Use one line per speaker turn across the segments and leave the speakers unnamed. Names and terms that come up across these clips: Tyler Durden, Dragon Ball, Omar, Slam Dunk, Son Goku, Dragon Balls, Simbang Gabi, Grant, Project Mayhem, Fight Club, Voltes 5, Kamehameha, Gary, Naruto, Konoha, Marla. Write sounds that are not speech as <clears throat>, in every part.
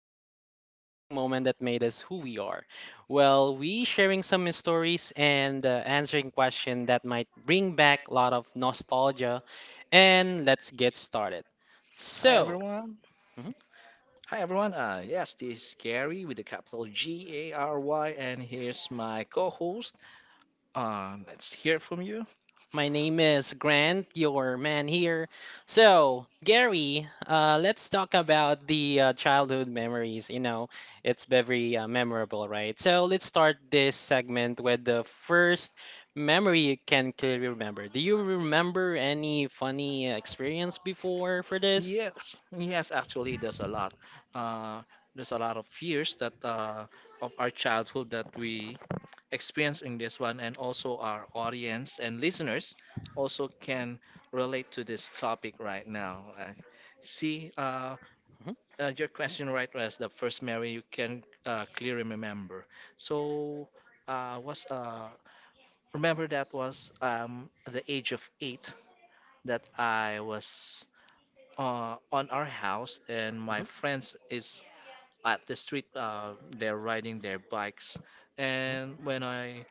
and slightly embarrassing moment that made us who we are. Well, we sharing some stories and answering questions that might bring back a lot of nostalgia. And let's get started.
Hi
So,
everyone. Hi everyone. Yes, this is Gary with the capital Gary, and here's my co-host. Let's hear from you.
My name is Grant, your man here. So, Gary, let's talk about the childhood memories. You know, it's very memorable, right? So, let's start this segment with the first memory you can clearly remember. Do you remember any funny experience before for this?
Yes, yes. Actually, there's a lot. Uh, there's a lot of fears that of our childhood that we experience in this one, and also our audience and listeners also can relate to this topic right now. I see,
Mhm,
your question right was the first memory you can clearly remember. So was Remember that was at the age of 8 that I was on our house and my
mhm,
friends is at the street. They're riding their bikes,
mhm,
and when I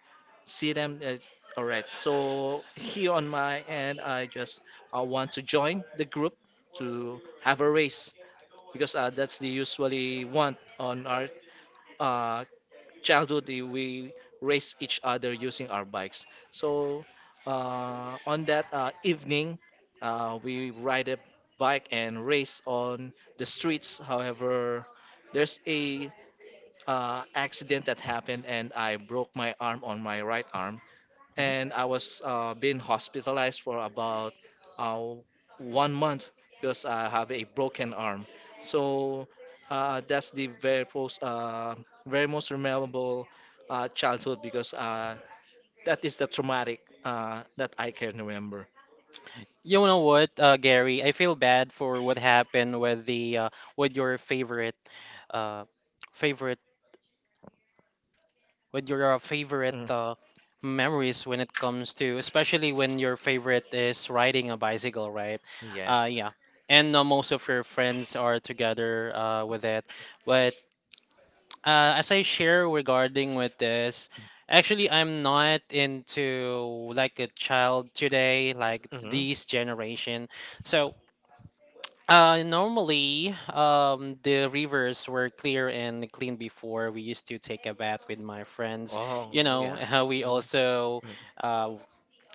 see them, all right. So here on my end, I just want to join the group to have a race because that's the usually want on our uh, childhood we race each other using our bikes. so on that evening, we ride a bike and race on the streets. However, there's a accident that happened and I broke my arm on my right arm,
mhm.
and I was being hospitalized for about uh, 1 month because I have a broken arm. So that's the very most memorable childhood because that is the traumatic that I can remember.
You know what, Gary? I feel bad for what happened with the with your favorite uh, favorite. What your favorite
Mm,
memories when it comes to, especially when your favorite is riding a bicycle, right?
yes.
Yeah. And most of your friends are together with it. But as I share regarding with this, actually, I'm not into like a child today, like
Hmm.
this generation. So normally, the rivers were clear and clean before. We used to take a bath with my friends.
Oh,
You know,
yeah.
<laughs> we also
Mhm.
uh,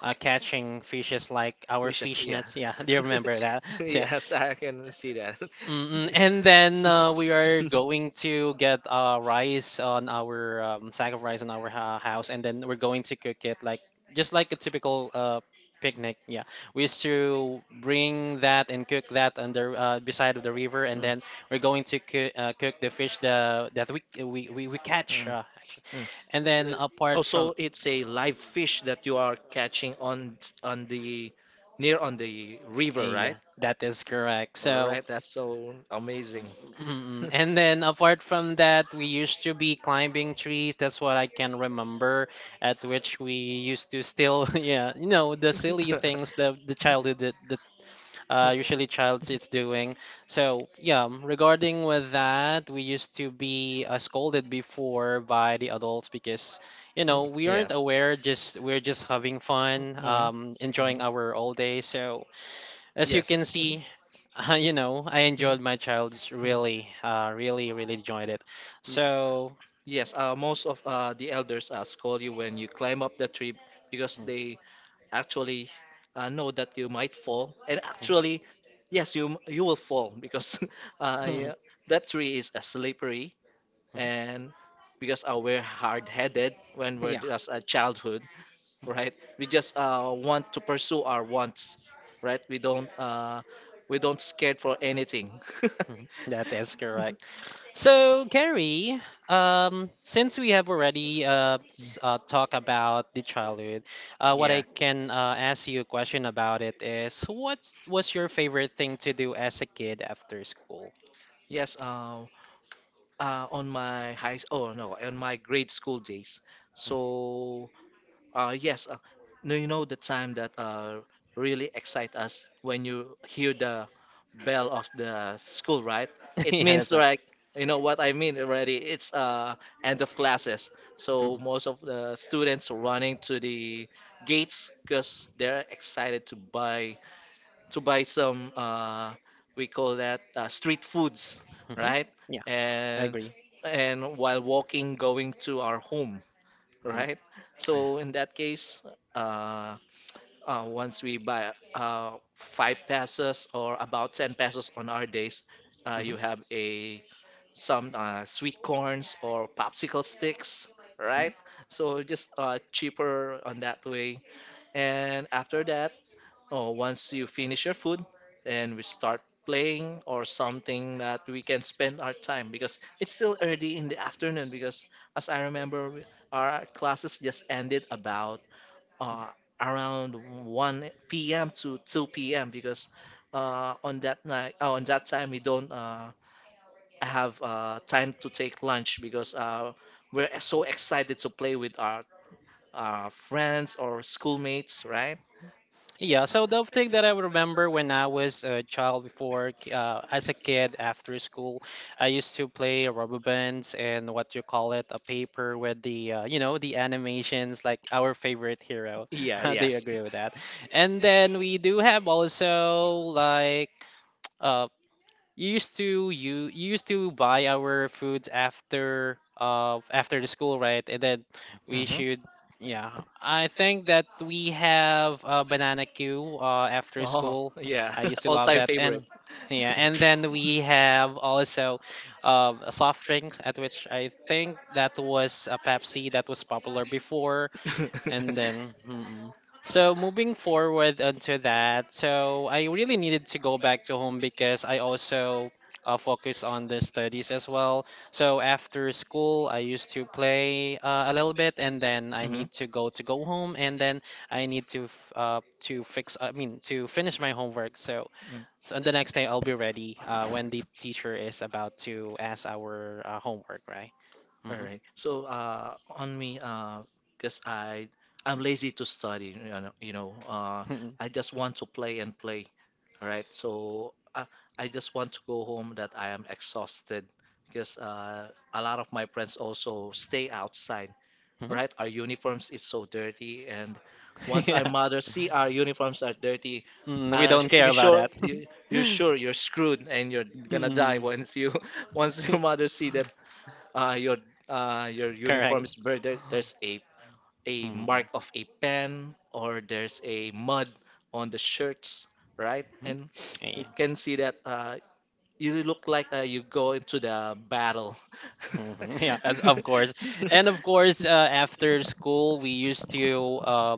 are catching fishes like our
Wishes,
fish
yeah.
nets. Yeah, <laughs> do you remember that?
<laughs>
<laughs> So,
Yes, I can see that. <laughs>
mm-mm. And then we are going to get rice on our sack of rice on our ha house, and then we're going to cook it like just like a typical picnic. Yeah, we used to bring that and cook that under beside of the river, and
Mm,
then we're going to cook the fish that we catch actually.
mm, mm.
And then
So- Oh,
apart from
so it's a live fish that you are catching on the near on the river,
yeah,
right?
that is correct.
All
So
right, that's so amazing.
mm. And then apart from that, we used to be climbing trees. That's what I can remember, at which we used to still, <laughs> yeah, you know, the silly
<laughs>
things that
<laughs>
the childhood that usually child is doing. So yeah, regarding with that, we used to be scolded before by the adults because, you know,
Mm,
we aren't
yes.
aware, just we're just having fun,
Mm, mhm.
enjoying our all day. So as you can
Yes. Mhm.
see, <laughs> you know, I
Mhm.
enjoyed my child's
Mhm.
really, really enjoyed it.
Ye-
So,
Yes, most of the elders scold you when you climb up the tree because they actually know that you might fall. And actually, yes, you will fall because <laughs> yeah,
<laughs>
that tree is slippery, and because we're hard-headed when we're
yeah,
just a childhood. Right? We just want to pursue our wants, right? We don't scared for anything.
mhm, that is correct.
<laughs>
So, Gary, since we have already talked about the childhood, what I
Yeah.
can ask you a question about it is, what was your favorite thing to do as a kid after school?
Yes, on my high, oh no, On my grade school days. So yes, no, You know the time that really excite us when you hear the bell of the school, right?
<laughs>
It
Yeah,
means
that's right.
like you know what I mean already. It's End of classes, so
Mm-mm.
most of the students are running to the gates because they're excited to buy some we call that street foods,
Mhm.
right?
Yeah, I
And
agree.
while walking, going to our home,
Mhm.
right? So in that case, uh, once we buy 5 pesos or about 10 pesos on our days,
Mhm.
you have a some sweet corns or popsicle sticks,
Mhm.
right? So just cheaper on that way. And after that, oh, once you finish your food, then we start playing or something that we can spend our time because it's still early in the afternoon. Because as I remember, our classes just ended about
Mhm.
uh, around 1 p.m. to 2 p.m. Because on that time, we don't have time to take lunch because we're so excited to play with our friends or schoolmates, right?
Yeah, so the thing that I remember when I was a child before, as a kid after school, I used to play rubber bands and what you call it, a paper with the, you know, the animations like our favorite hero. <laughs>
Yeah,
Do you
yes.
agree with that? And then we do have also like uh, you used to buy our foods after after the school, right? And then we
Mhm.
should yeah. I think that we have a banana queue after
Oh,
school.
yeah.
I used
<laughs>
to love
All-time
that.
favorite.
And yeah, and then we have also a soft drinks at which I think that was a Pepsi that was popular before and
<laughs>
then so moving forward onto that, so I really needed to go back to home because I also focus on the studies as well. So after school, I used to play a little bit, and then I
Mm-hmm.
need to go home, and then I need to fix, I mean, to finish my homework. So,
Mm.
so the next day I'll be ready when the teacher is about to ask our homework, right?
All
hmm
right. On me, because I'm lazy to study,
hmm
I just want to play and play. All right. I just want to go home that I am exhausted because a lot of my friends also stay outside. Right? Our uniforms is so dirty, and
<laughs>
once
Yeah.
our mothers see our uniforms are dirty,
Mm, we don't
you
care about
sure
that. <laughs>
you're screwed and you're gonna die
Mm.
once you <laughs> once your mother see that
<laughs>
uh, your your uniform is
Correct.
burned. There's a
Mhm.
mark of a pen or there's a mud on the shirts, right? And you
Yeah,
can see that you look like you go into the battle.
mhm. Yeah, as of course. And of course, after
<laughs>
school, we used to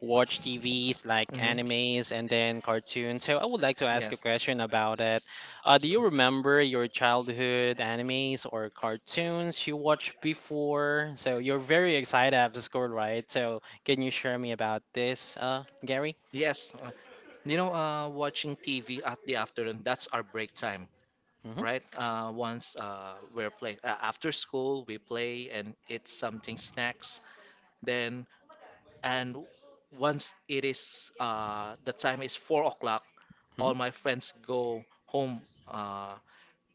watch TVs like
Mhm.
animes and then cartoons. So I would like to ask a
Yes.
question about it. Do you remember your childhood animes or cartoons you watched before? So you're very excited after school, right? So can you share me about this, Gary?
Yes, you know, watching TV at the afternoon, that's our break time,
Mm-hmm.
right? Once we're playing after school, we play and eat something, snacks. Then, and Once it is the time is 4 o'clock, all my friends go home uh,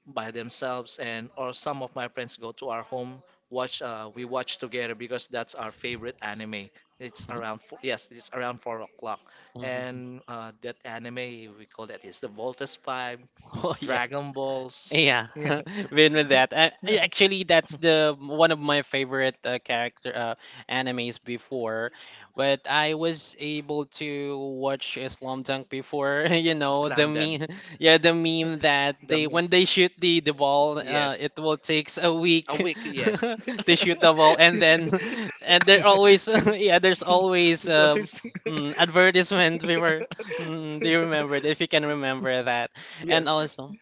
by themselves, and or some of my friends go to our home watch we watch together because that's our favorite anime. It's
Mm-hmm.
around four, yes it's around 4 o'clock,
Mm-hmm.
and that anime we call that is the Voltes 5,
<laughs> Oh, yeah.
dragon balls,
Yeah,
yeah.
<laughs> been with that.
<laughs>
I actually that's the one of my favorite character animes before, but I was able to watch Slam Dunk before. <laughs> You know the
Slam dunk.
meme, <laughs> yeah, the meme that
The
they
me-
when they shoot the ball,
Yes.
it will takes a
A
week
week, yes.
<laughs> to shoot
<laughs>
the ball, and then <laughs> and there always <laughs> yeah, there's always
So It's
advertisement before. <laughs> Mm, do you remember it? If you can remember that, and
Yes.
also.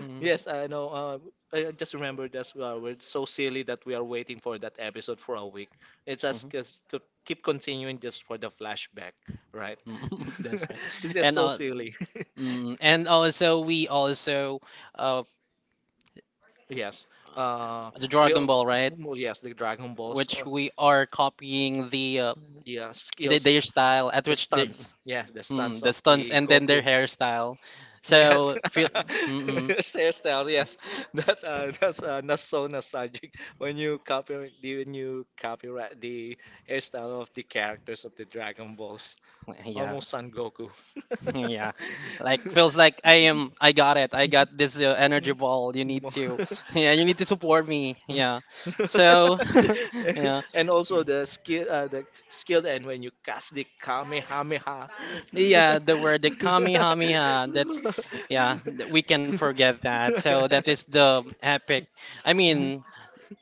Mm.
Yes, I know. I just remembered that's why we're so silly that we are waiting for that episode for a week. It's us
Mhm.
just to keep continuing just for the flashback, right?
<laughs>
<laughs>
That's right.
It's just
And
so silly. <laughs>
and also we also uh,
Yes. Uh,
the
we
Dragon
all,
Ball, right?
yes, the Dragon Balls.
Which
Or,
we are copying
the Skills,
their style at
the
which they
stunts. Yeah, the stunts
the
of
stunts
the
and then their
Goku.
hairstyle.
Yes,
So feel
<laughs>
mm-mm.
his hairstyle. Yes, that's so nostalgic when you copy the when you copyright the hairstyle of the characters of the Dragon Balls,
Yeah,
almost Son Goku. <laughs>
<laughs> yeah. Like feels like I am. I got it. I got this energy ball. You need
Mo-
to, <laughs> yeah.
<laughs>
You need to support me.
Yeah.
Yeah. So, <laughs> yeah.
<laughs> And also the skill and when you cast the kamehameha.
Yeah, the word the
<laughs>
Kamehameha. That's
Kamehameha,
yeah,
yeah.
we can forget that. So that is the
<laughs>
epic. I mean,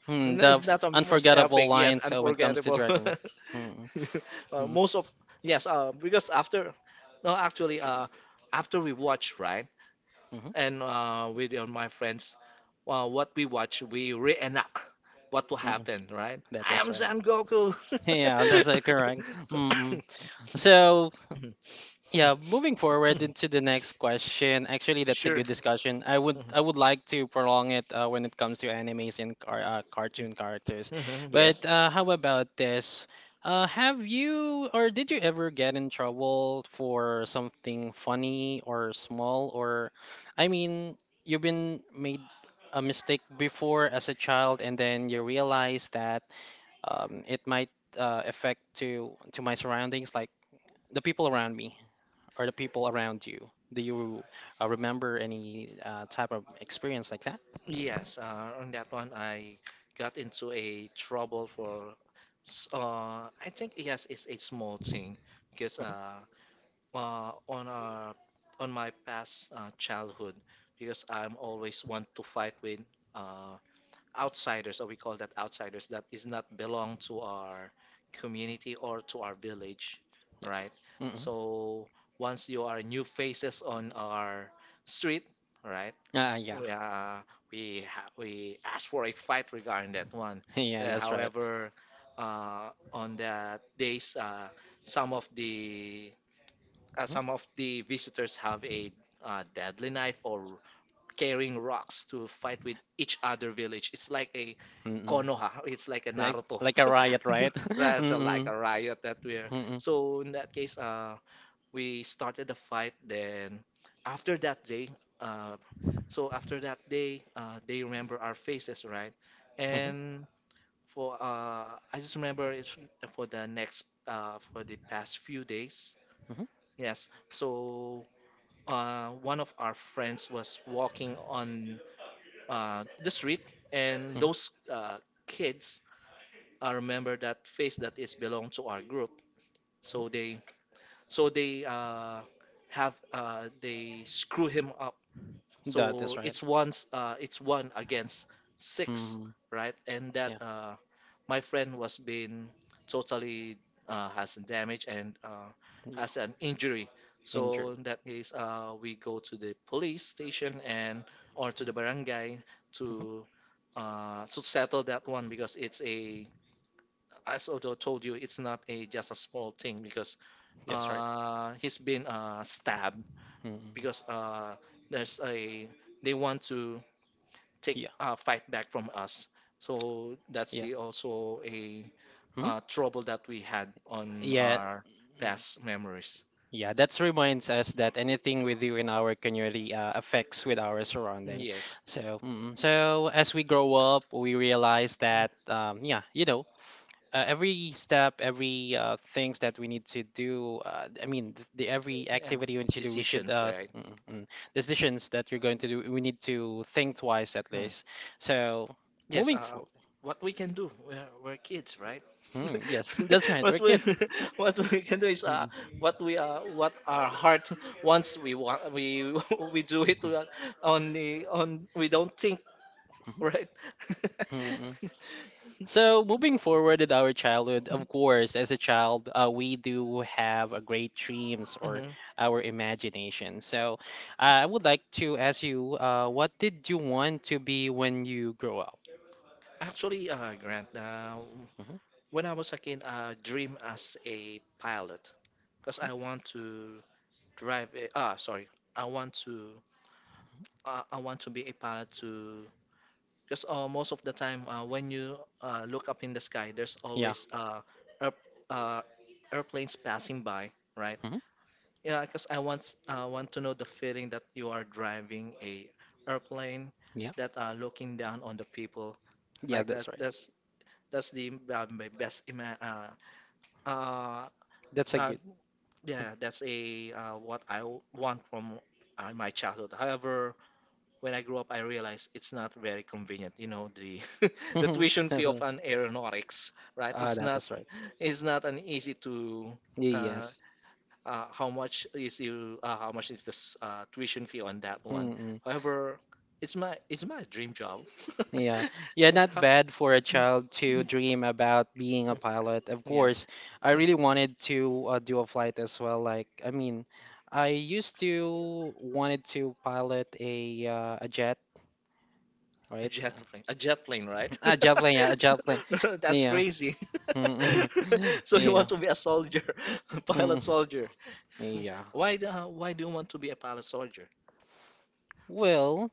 hmm,
No,
the
it's not the most
unforgettable
epic unforgettable. Yes,
line. So when it comes to
unforgettable.
Dragon, mm
<laughs>
mm
Most of Yes, because after no actually after we watch, right?
mm mm
And with my friends, what we watch we reenact what will
mm.
happen, right?
That
I
is
am
right.
Son Goku.
<laughs> Yeah, that's correct.
<laughs>
Mm-mm. So yeah, moving forward into the next question. Actually, that's a
Sure.
good discussion.
Mhm.
I would like to prolong it when it comes to animes and cartoon characters.
Mhm,
But
yes.
how about this? Have you or did you ever get in trouble for something funny or small or I mean, you've been made a mistake before as a child and then you realize that it might affect to my surroundings like the people around me or the people around you. Do you remember any type of experience like that?
Yes, on that one, I got into a trouble for, I think yes, it's a small thing because
Hmm.
uh, on our on my past childhood, because I'm always want to fight with uh, outsiders, or we call that outsiders, that is not belong to our community or to our village,
Yes.
right?
Mm-hmm.
So once you are new faces on our street, right?
Yeah. <laughs>
We, uh, we ask for a fight regarding that one.
Yeah,
Uh,
that's right.
however, on that days, some of the
Mhm.
some of the visitors have a deadly knife or carrying rocks to fight with each other village. It's like a
Mm-mm.
Konoha. It's like a
Like
Naruto. Like
a
a
riot,
riot.
right? <laughs>
<laughs> That's a, like
Mm-mm.
a riot that we're.
Mm-mm. Mhm.
So in that case, we started the fight. Then after that day, uh, after that day, they remember our faces, right?
Mhm.
And for I just remember it's for the past few days. Yes. So one of our friends was walking on the street, and
Mhm.
those kids remember that face that is belong to our group.
Mhm.
So they so they have they screw him up,
That is
so
right.
it's one against six,
Mhm.
right? And that
Yeah.
my friend was being totally has damage and
Yeah,
has an injury. So
injury.
in that case, we go to the police station and or to the barangay
Hmm.
to to settle that one because it's a as I told you, it's not a just a small thing because
That's right.
he's been stabbed
Hmm.
because there's a they want to take
Yeah,
fight back from us. So that's
yeah.
the also a
Hmm.
trouble that we had on
Yeah.
our
Mm.
past memories.
Yeah, that reminds us that anything we do in our community affects with our surrounding.
Yes.
So, so as we grow up, we realize that, yeah, you know, every step, every things that we need to do. I mean, the every
Yeah.
activity we need to do, we should
Decisions, right?
decisions that you're going to do. We need to think twice at
Hmm.
least. So
Yes,
moving for,
what we can do, we're kids, right?
yes, <laughs> that's
<laughs>
right.
What
We're
we
kids.
<laughs> what we can do is what our heart wants. We want we <laughs> we do it on the on. We don't think, right?
Mm, mm,
<laughs>
so moving forward in our childhood, of course, as a child, we do have a great dreams or
Mhm.
our imagination. So I would like to ask you, what did you want to be when you grow up?
Actually, Grant,
Hmm.
when I was a kid, I dream as a pilot because I want to drive a, ah sorry i want to I want to be a pilot to because most of the time when you look up in the sky, there's
Yeah.
always air, uh airplanes passing by, right?
Hmm.
Yeah, because I want to know the feeling that you are driving a airplane
Yeah.
that are looking down on the people
Yeah,
like that.
that's right.
That's the uh,
That's a
uh,
good.
yeah, that's a what I want from my childhood. However, when I grew up, I realized it's not very convenient. You know, the <laughs> the
<laughs>
tuition fee
That's
of
right.
an aeronautics, right?
Ah, that is right.
It's not an easy to uh,
Yes.
how much is the tuition fee on that one.
Mm-mm.
However, it's my dream job. <laughs>
Yeah, yeah, not
How-
bad for a child to dream about being a pilot. Of course,
Yes,
I really wanted to do a flight as well. Like, I mean, I used to wanted to pilot a jet, right?
a jet plane, right?
A jet plane, yeah, a jet plane.
<laughs> That's
Yeah.
crazy. <laughs>
Mm, mm. <laughs>
So you
Yeah.
want to be a soldier, <laughs> a
Mm, mm.
pilot soldier?
Yeah.
Why do you want to be a pilot soldier?
Well,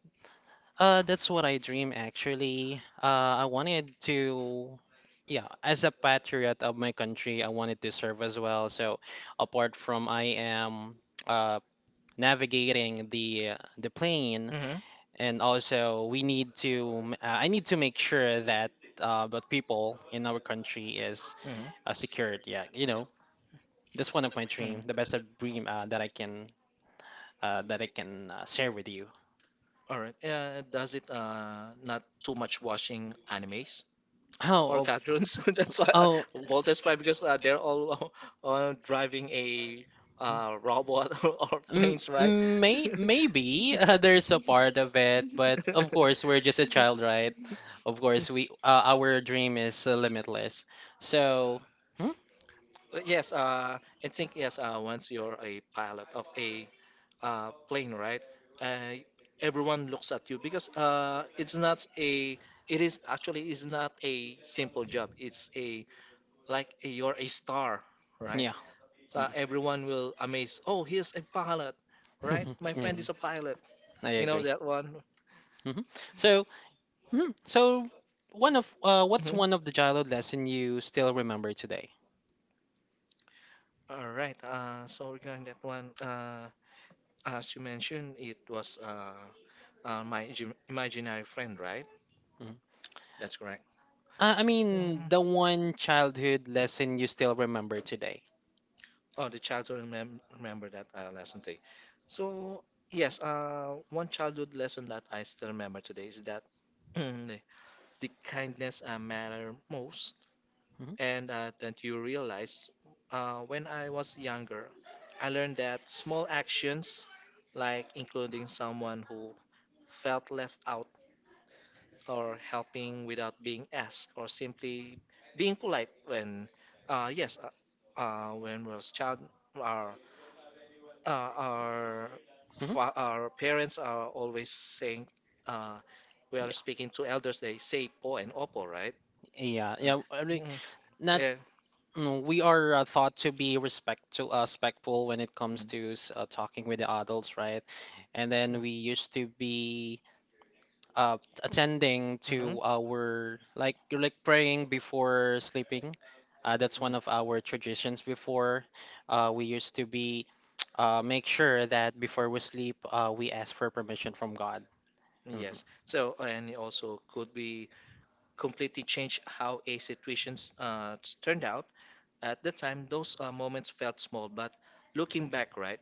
That's what I dream actually. I wanted to, yeah, as a patriot of my country, I wanted to serve as well. So apart from I am uh, navigating the plane,
Hmm.
and also we need to, I need to make sure that the people in our country is
Hmm. Hmm.
secured. Yeah, you know, that's one of my dream, the best of dream that I can share with you.
All right. Does it not too much watching animes?
<laughs>
Oh,
How
or oh,
of
cartoons? <laughs> That's why
oh.
oh, Voltage 5, because they're all <laughs> driving a robot <laughs> or planes, right?
May
May- Maybe
maybe <laughs> there's
first <laughs>
a
of all,
part of it,
it was,
but of
of <laughs>
course
course,
we're
we're
just a
just a child,
child, right?
right?
Of course we our dream is limitless. So, hmm?
But yes, I think yes. Once you're a pilot of a plane, right? Uh, Everyone looks at you because it's not a. It is actually is not a simple job. It's a like a, you're a star, right?
Yeah. Mm.
So everyone will amaze. Oh, he's a pilot, right?
<laughs>
My friend
Mm,
is a pilot.
I
You know
agree.
that one.
Hmm. So, mhm. So one of what's
Mhm.
one of the childhood lesson you still remember today?
All right. So regarding that one, as you mentioned, it was my imaginary friend, right?
Mhm.
That's correct.
I mean, the one
Mhm.
childhood lesson you still remember today.
Oh, the child to remember that lesson today. So, yes, one childhood lesson that I still remember today is that <clears throat> the the kindness matter most,
Hmm.
and that you realize when I was younger, I learned that small actions, like including someone who felt left out, or helping without being asked, or simply being polite uh, yes, uh, when we was child. Our our
Hmm.
our parents are always saying uh, we
Yeah.
are speaking to elders. They say po and opo, right?
Yeah,
Yeah.
yeah, I
mm,
mean,
mm, mhm,
not
mm.
we are thought to be respectful when it comes to talking with the adults, right? And then we used to be uh, attending to our like praying before sleeping. That's one of our traditions before. We used to be <tsk> make sure that before we sleep, we ask for permission from God. Mhm.
Yes. So, and it also could be completely change how a situations turned out. At the time, those moments felt small, but looking back, right,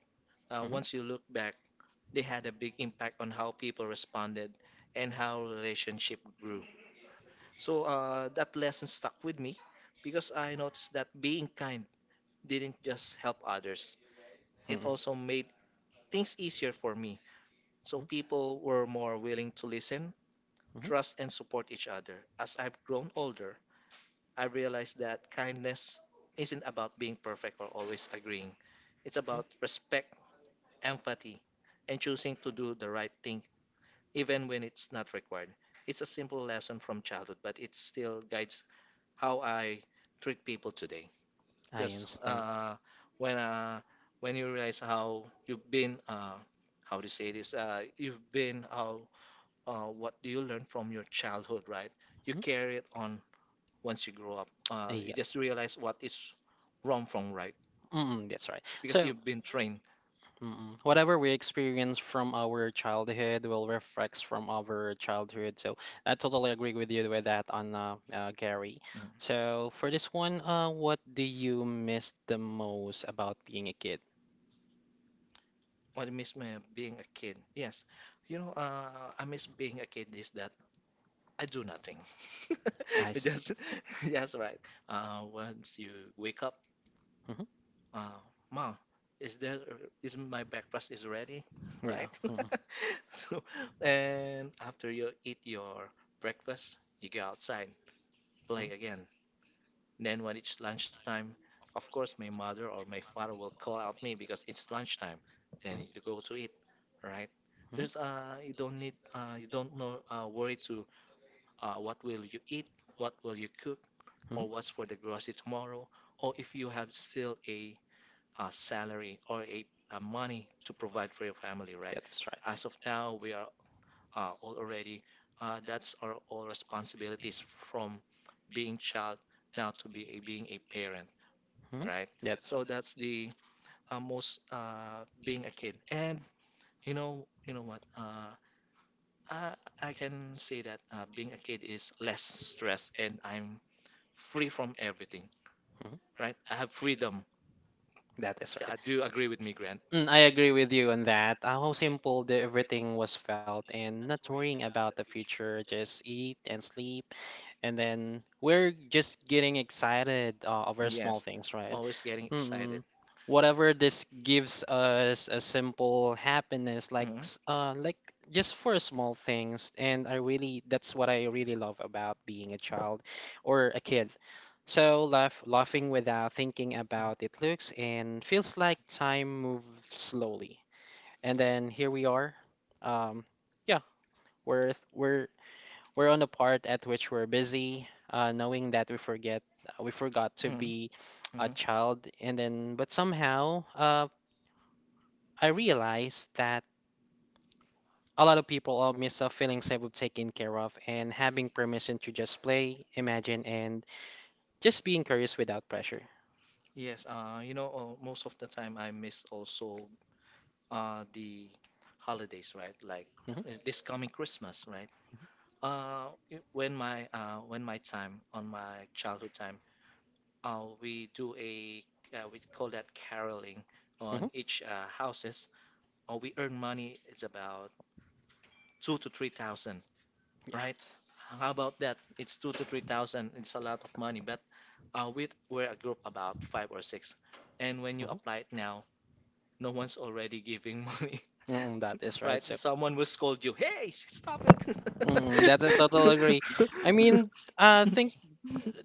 Mhm.
once you look back, they had a big impact on how people responded and how relationship grew. So that lesson stuck with me because I noticed that being kind didn't just help others, it
Mhm.
also made things easier for me. So people were more willing to listen,
Mhm.
trust, and support each other. As I've grown
I
older, I realized that kindness isn't about being perfect or always agreeing, it's about respect, empathy, and choosing to do the right thing even when it's not required. It's a simple lesson from childhood, but it still guides how I treat people today. Because
understand.
when uh, when you realize how you've been, how to say this, you've been how what do you learn from your childhood, right? You
Mhm.
carry it on once you grow up. You just
Yes.
realize what is wrong from right
Mm, that's right.
because
Really. So,
you've been trained.
whatever we experience from our childhood will reflect from our childhood. So, I totally agree with you with that on Gary.
Mm.
So, for this one, what do you miss the most about being a kid?
What I miss my being a kid. Yes, you know, I miss being a kid is that I do nothing.
<laughs> I
<laughs>
see.
Just <laughs> yes, right. Once you wake up,
Hmm
uh, mom, is there is my breakfast is ready, <laughs>
Yeah.
right?
Like.
<laughs> So, and after you eat your breakfast, you go outside, play again. Then when it's lunchtime, of course, my mother or my father will call out me because it's lunchtime. Then you go to eat, right?
Hmm
There's you don't need you don't know worry to what will you eat, what will you cook or
Mhm.
what's for the grocery tomorrow, or if you have still a, salary or a money to provide for your family, right?
That is
As
right.
of now, we are all already that's our all responsibilities from being child now to be a, being a parent,
Mhm.
right?
That is
So that's
right.
the most being a kid, and you know what? I, I can say that being a kid is less stress, and I'm free from everything,
Mhm.
right? I have freedom.
That is
Yeah, I
right.
do agree with me, Grant.
Mm, I agree with you on that. How simple the everything was felt and not worrying about the future, just eat and sleep. And then we're just getting excited over small
Yes,
things, right?
always getting excited.
Mm-mm. Whatever this gives us a simple happiness,
Hmm
like just for small things, and I really that's what I really love about being a child or a kid. So laugh, laughing without thinking about it looks and feels like time moves slowly. And then here we are. Um, yeah, we're we're we're on the part at which we're busy, knowing that we forgot to
hmm
be a
hmm
child, and then but somehow I realized that a lot of people all miss a feeling sense of taken care of and having permission to just play, imagine, and just being curious without pressure.
Yes, you know, most of the time I miss also the holidays, right? Like
Hmm
this coming Christmas, right? When my when my time on my childhood time, we do a we call that caroling
hmm
on each houses. Or we earn money. It's about 2 to 3,000,
Yeah.
right? How about that? It's 2 to 3,000. It's a lot of money, but we're a group about five or six, and when you
hmm
apply it now, no one's already giving money,
Mm, that is
<laughs>
right.
right?
So,
Someone will scold you. Hey, stop it!
mm, that's a total agree. I mean,
<laughs>
think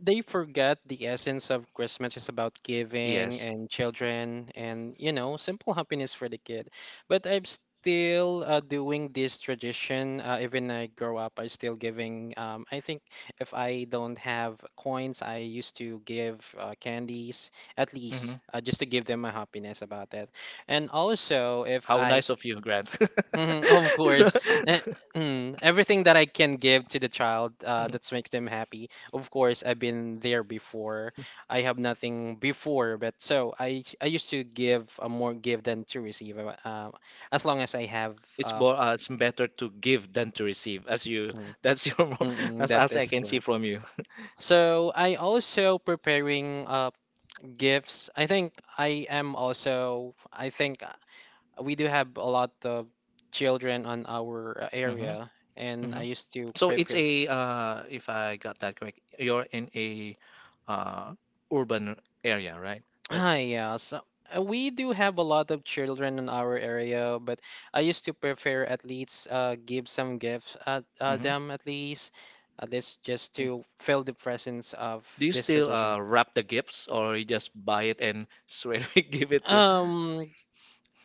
they forget the essence of Christmas is about giving
Yes.
and children and, you know, simple happiness for the kid. But I'm still doing this tradition. Even I grow up, I still giving. I think if I don't have coins, I used to give candies at least
Mhm.
just to give them a happiness about that. And also, if
How
I
nice of you, Grant.
<laughs>
<laughs>
Mhm, of course. Eh, Everything that I can give to the child that makes them happy. Of course, I've been there before. I have nothing before, but so I used to give more give than to receive. As long as I have
It's
uh,
more, it's better to give than to receive, as you.
mm,
That's your. <laughs>
mm,
That's
that
as I
is
can see
correct.
from you.
So I also preparing gifts. I think I am also. I think. We do have a lot of children on our
Hmm
area, and
hmm
I used to
So it's
prepare.
a. If I got that correct, you're in a uh, urban area, right? Uh,
Ah, yeah. So we do have a lot of children in our area, but I used to prefer at least give some gifts at
mhm.
them at least just to feel the presence of
Do you
this
still
tradition.
wrap the gifts or
<laughs>
you just buy it and straight away <laughs> give it to? <laughs>
Um,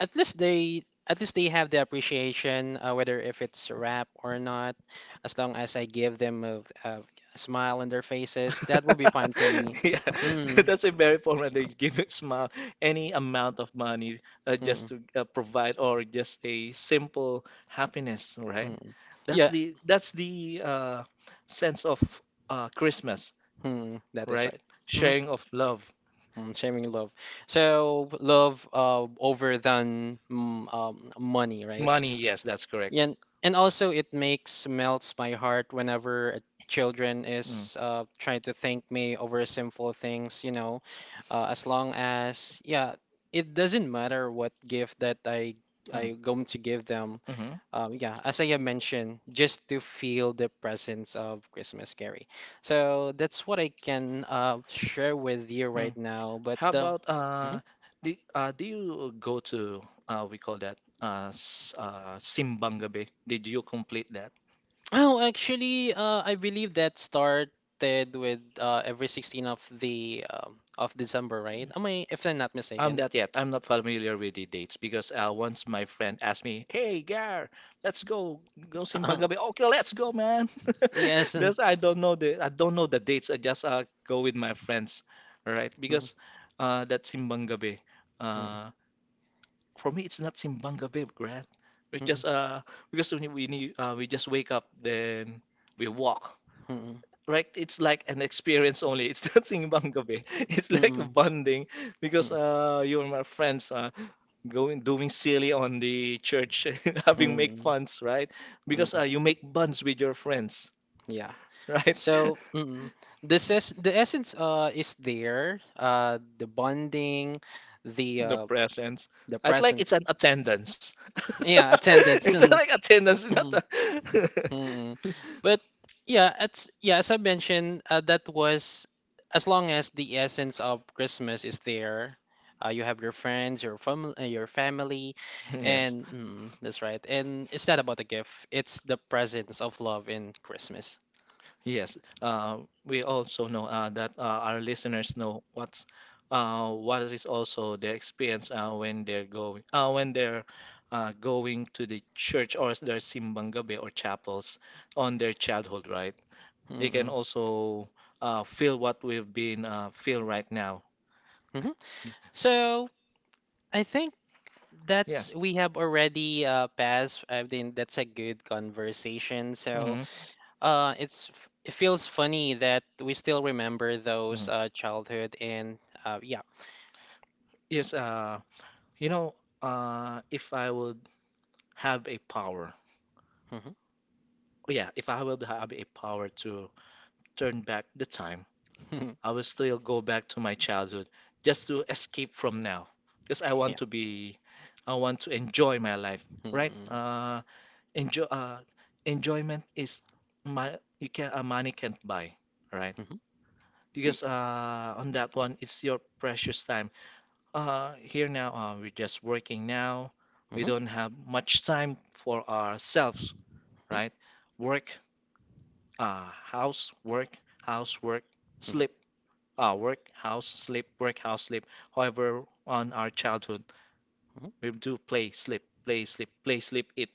at least they have the appreciation whether if it's rap or not as long as I give them a smile on their faces that will be fine for me
Yeah, <laughs>
mm,
that's a very important. They give it smile any amount of money
mm,
just to provide or just a simple happiness, right?
mm. Yeah,
That's the sense of Christmas,
mm, that is
right?
right. Mhm.
Sharing of love,
Mm, sharing love so love over than money, right?
money. Yes, that's correct.
Yeah, and also it makes melts my heart whenever a children
Mm,
is trying to thank me over simple things, you know, as long as yeah, it doesn't matter what gift that
mm,
I going to give them.
mhm.
Yeah, as I have mentioned, just to feel the presence of Christmas Carrie. So that's what I can share with you right
Mm.
now. But
How
the
about do you go to we call that Simbang Gabi? Did you complete that?
Oh, actually, I believe that started with every 16th of the of December, right? Am I, if I'm not
I'm
mistaken?
not yet.
<laughs>
I'm not familiar with the dates because once my friend asked me, "Hey, Gar, let's go
Uh,
Simbang Gabi." Okay, let's go, man.
yes,
<laughs>
and
That's I don't know the dates. I just go with my friends, all right?
mm,
Because that Simbang Gabi.
mm,
Uh, For me, it's not Simbanga, babe, right? We
mm,
just because we need, we just wake up, then we walk,
mm,
right? It's like an experience only. It's <laughs> not Simbanga, babe. It's like a
mm,
bonding because you and my friends going doing silly on the church, <laughs>
mm,
having make
mm,
funs, right? Because
mm,
you make buns with your friends,
yeah.
right? <laughs>
So, mm, this is the essence is there, the bonding, the
The
uh
presents.
the
I'd like
presence.
it's an attendance. <laughs>
Yeah, attendance. <laughs>
It's like
It's
attendance,
not <laughs>
not a...
Mm, mm. But yeah, it's yeah, as I mentioned, that was as long as the essence of Christmas is there. You have your friends, your family,
<laughs> Yes.
and mm, that's right. And it's not about the gift; it's the presence of love in Christmas.
Yes, we also know that our listeners know what is also their experience when they're going to the church or their simbang gabi or chapels on their childhood, right? They can
Mm-mm.
also feel what we've been feel right now.
hmm
Y-
So I think that's
Yes.
we have already passed. I think that's a good conversation. So
Mhm,
It feels funny that we still remember those
mhm.
childhood and yeah.
Yes, you know, if I would have a power.
Mhm.
Oh, yeah, if I will have a power to turn back the time, I
<laughs>
will still go back to my childhood just to escape from now. Because
Yeah.
I want to enjoy my life, right?
Mhm.
Enjoy, uh, Enjoyment is my you can money can't buy, right?
Mhm. Yeah.
Because on that one, it's your precious time. Here now, we're just working now. We
Mhm.
don't have much time for ourselves,
Mhm.
right? Work house, work, house, work, sleep, work, house, sleep, work, house, sleep. However, on our childhood,
Mhm.
we do play, sleep, play, sleep, play, sleep, eat,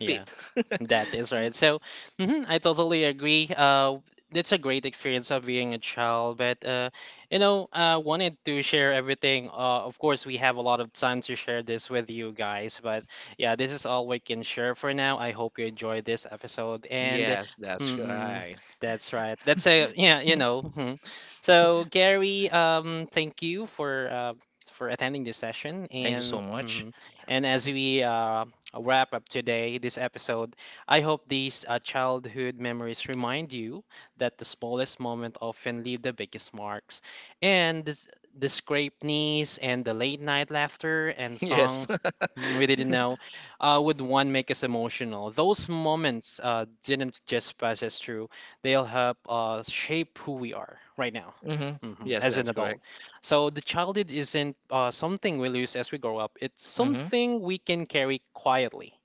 Yeah, that is
<laughs>
right. So, mhm, I totally agree. It's a great experience of being a child, but you know, wanted to share everything. Of course, we have a lot of time to share this with you guys, but yeah, this is all we can share for now. I hope you enjoyed this episode, and yes.
Yes, that's
Mm-mm,
right.
that's right. That's a yeah, you know. Mhm. So, Gary, thank you for attending this session,
Thank you so
and
much.
mhm.
<laughs>
And as we wrap up today, this episode. I hope these childhood memories remind you that the smallest moment often leave the biggest marks. And this, the scraped knees and the late night laughter and
Yes.
songs mm, we didn't know would one make us emotional. Those moments didn't just pass us through, they'll help shape who we are right now.
<laughs> hmm
Mhm,
Yes,
as an
that's correct.
adult. So the childhood isn't something we lose as we grow up. It's
Hmm
something we can carry quietly,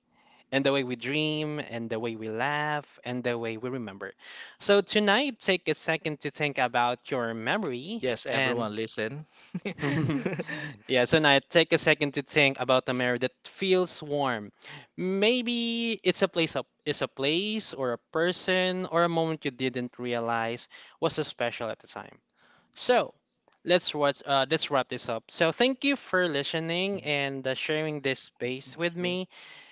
and the way we dream, and the way we laugh, and the way we remember. So tonight, take a second to think about your memory
Yes,
and
everyone listen. <laughs>
<laughs> yeah, so now take a second to think about a memory that feels warm. Maybe it's a place up, it's a place or a person or a moment you didn't realize was so special at the time. So let's wrap this up. So thank you for listening and sharing this space with me.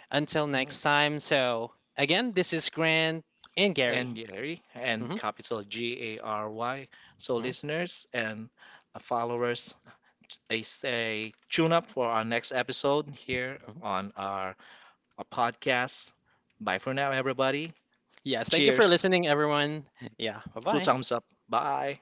Until
Mhm.
next time. So again, this is Grant and Gary.
And Gary, and
Mhm,
capital Gary. So,
mhm,
listeners and followers, a stay tune up for our next episode here
mhm.
on our podcast. Bye for now, everybody.
Yes, thank you for
Cheers.
listening, everyone. Yeah, bye
Two
bye.
thumbs up. Bye.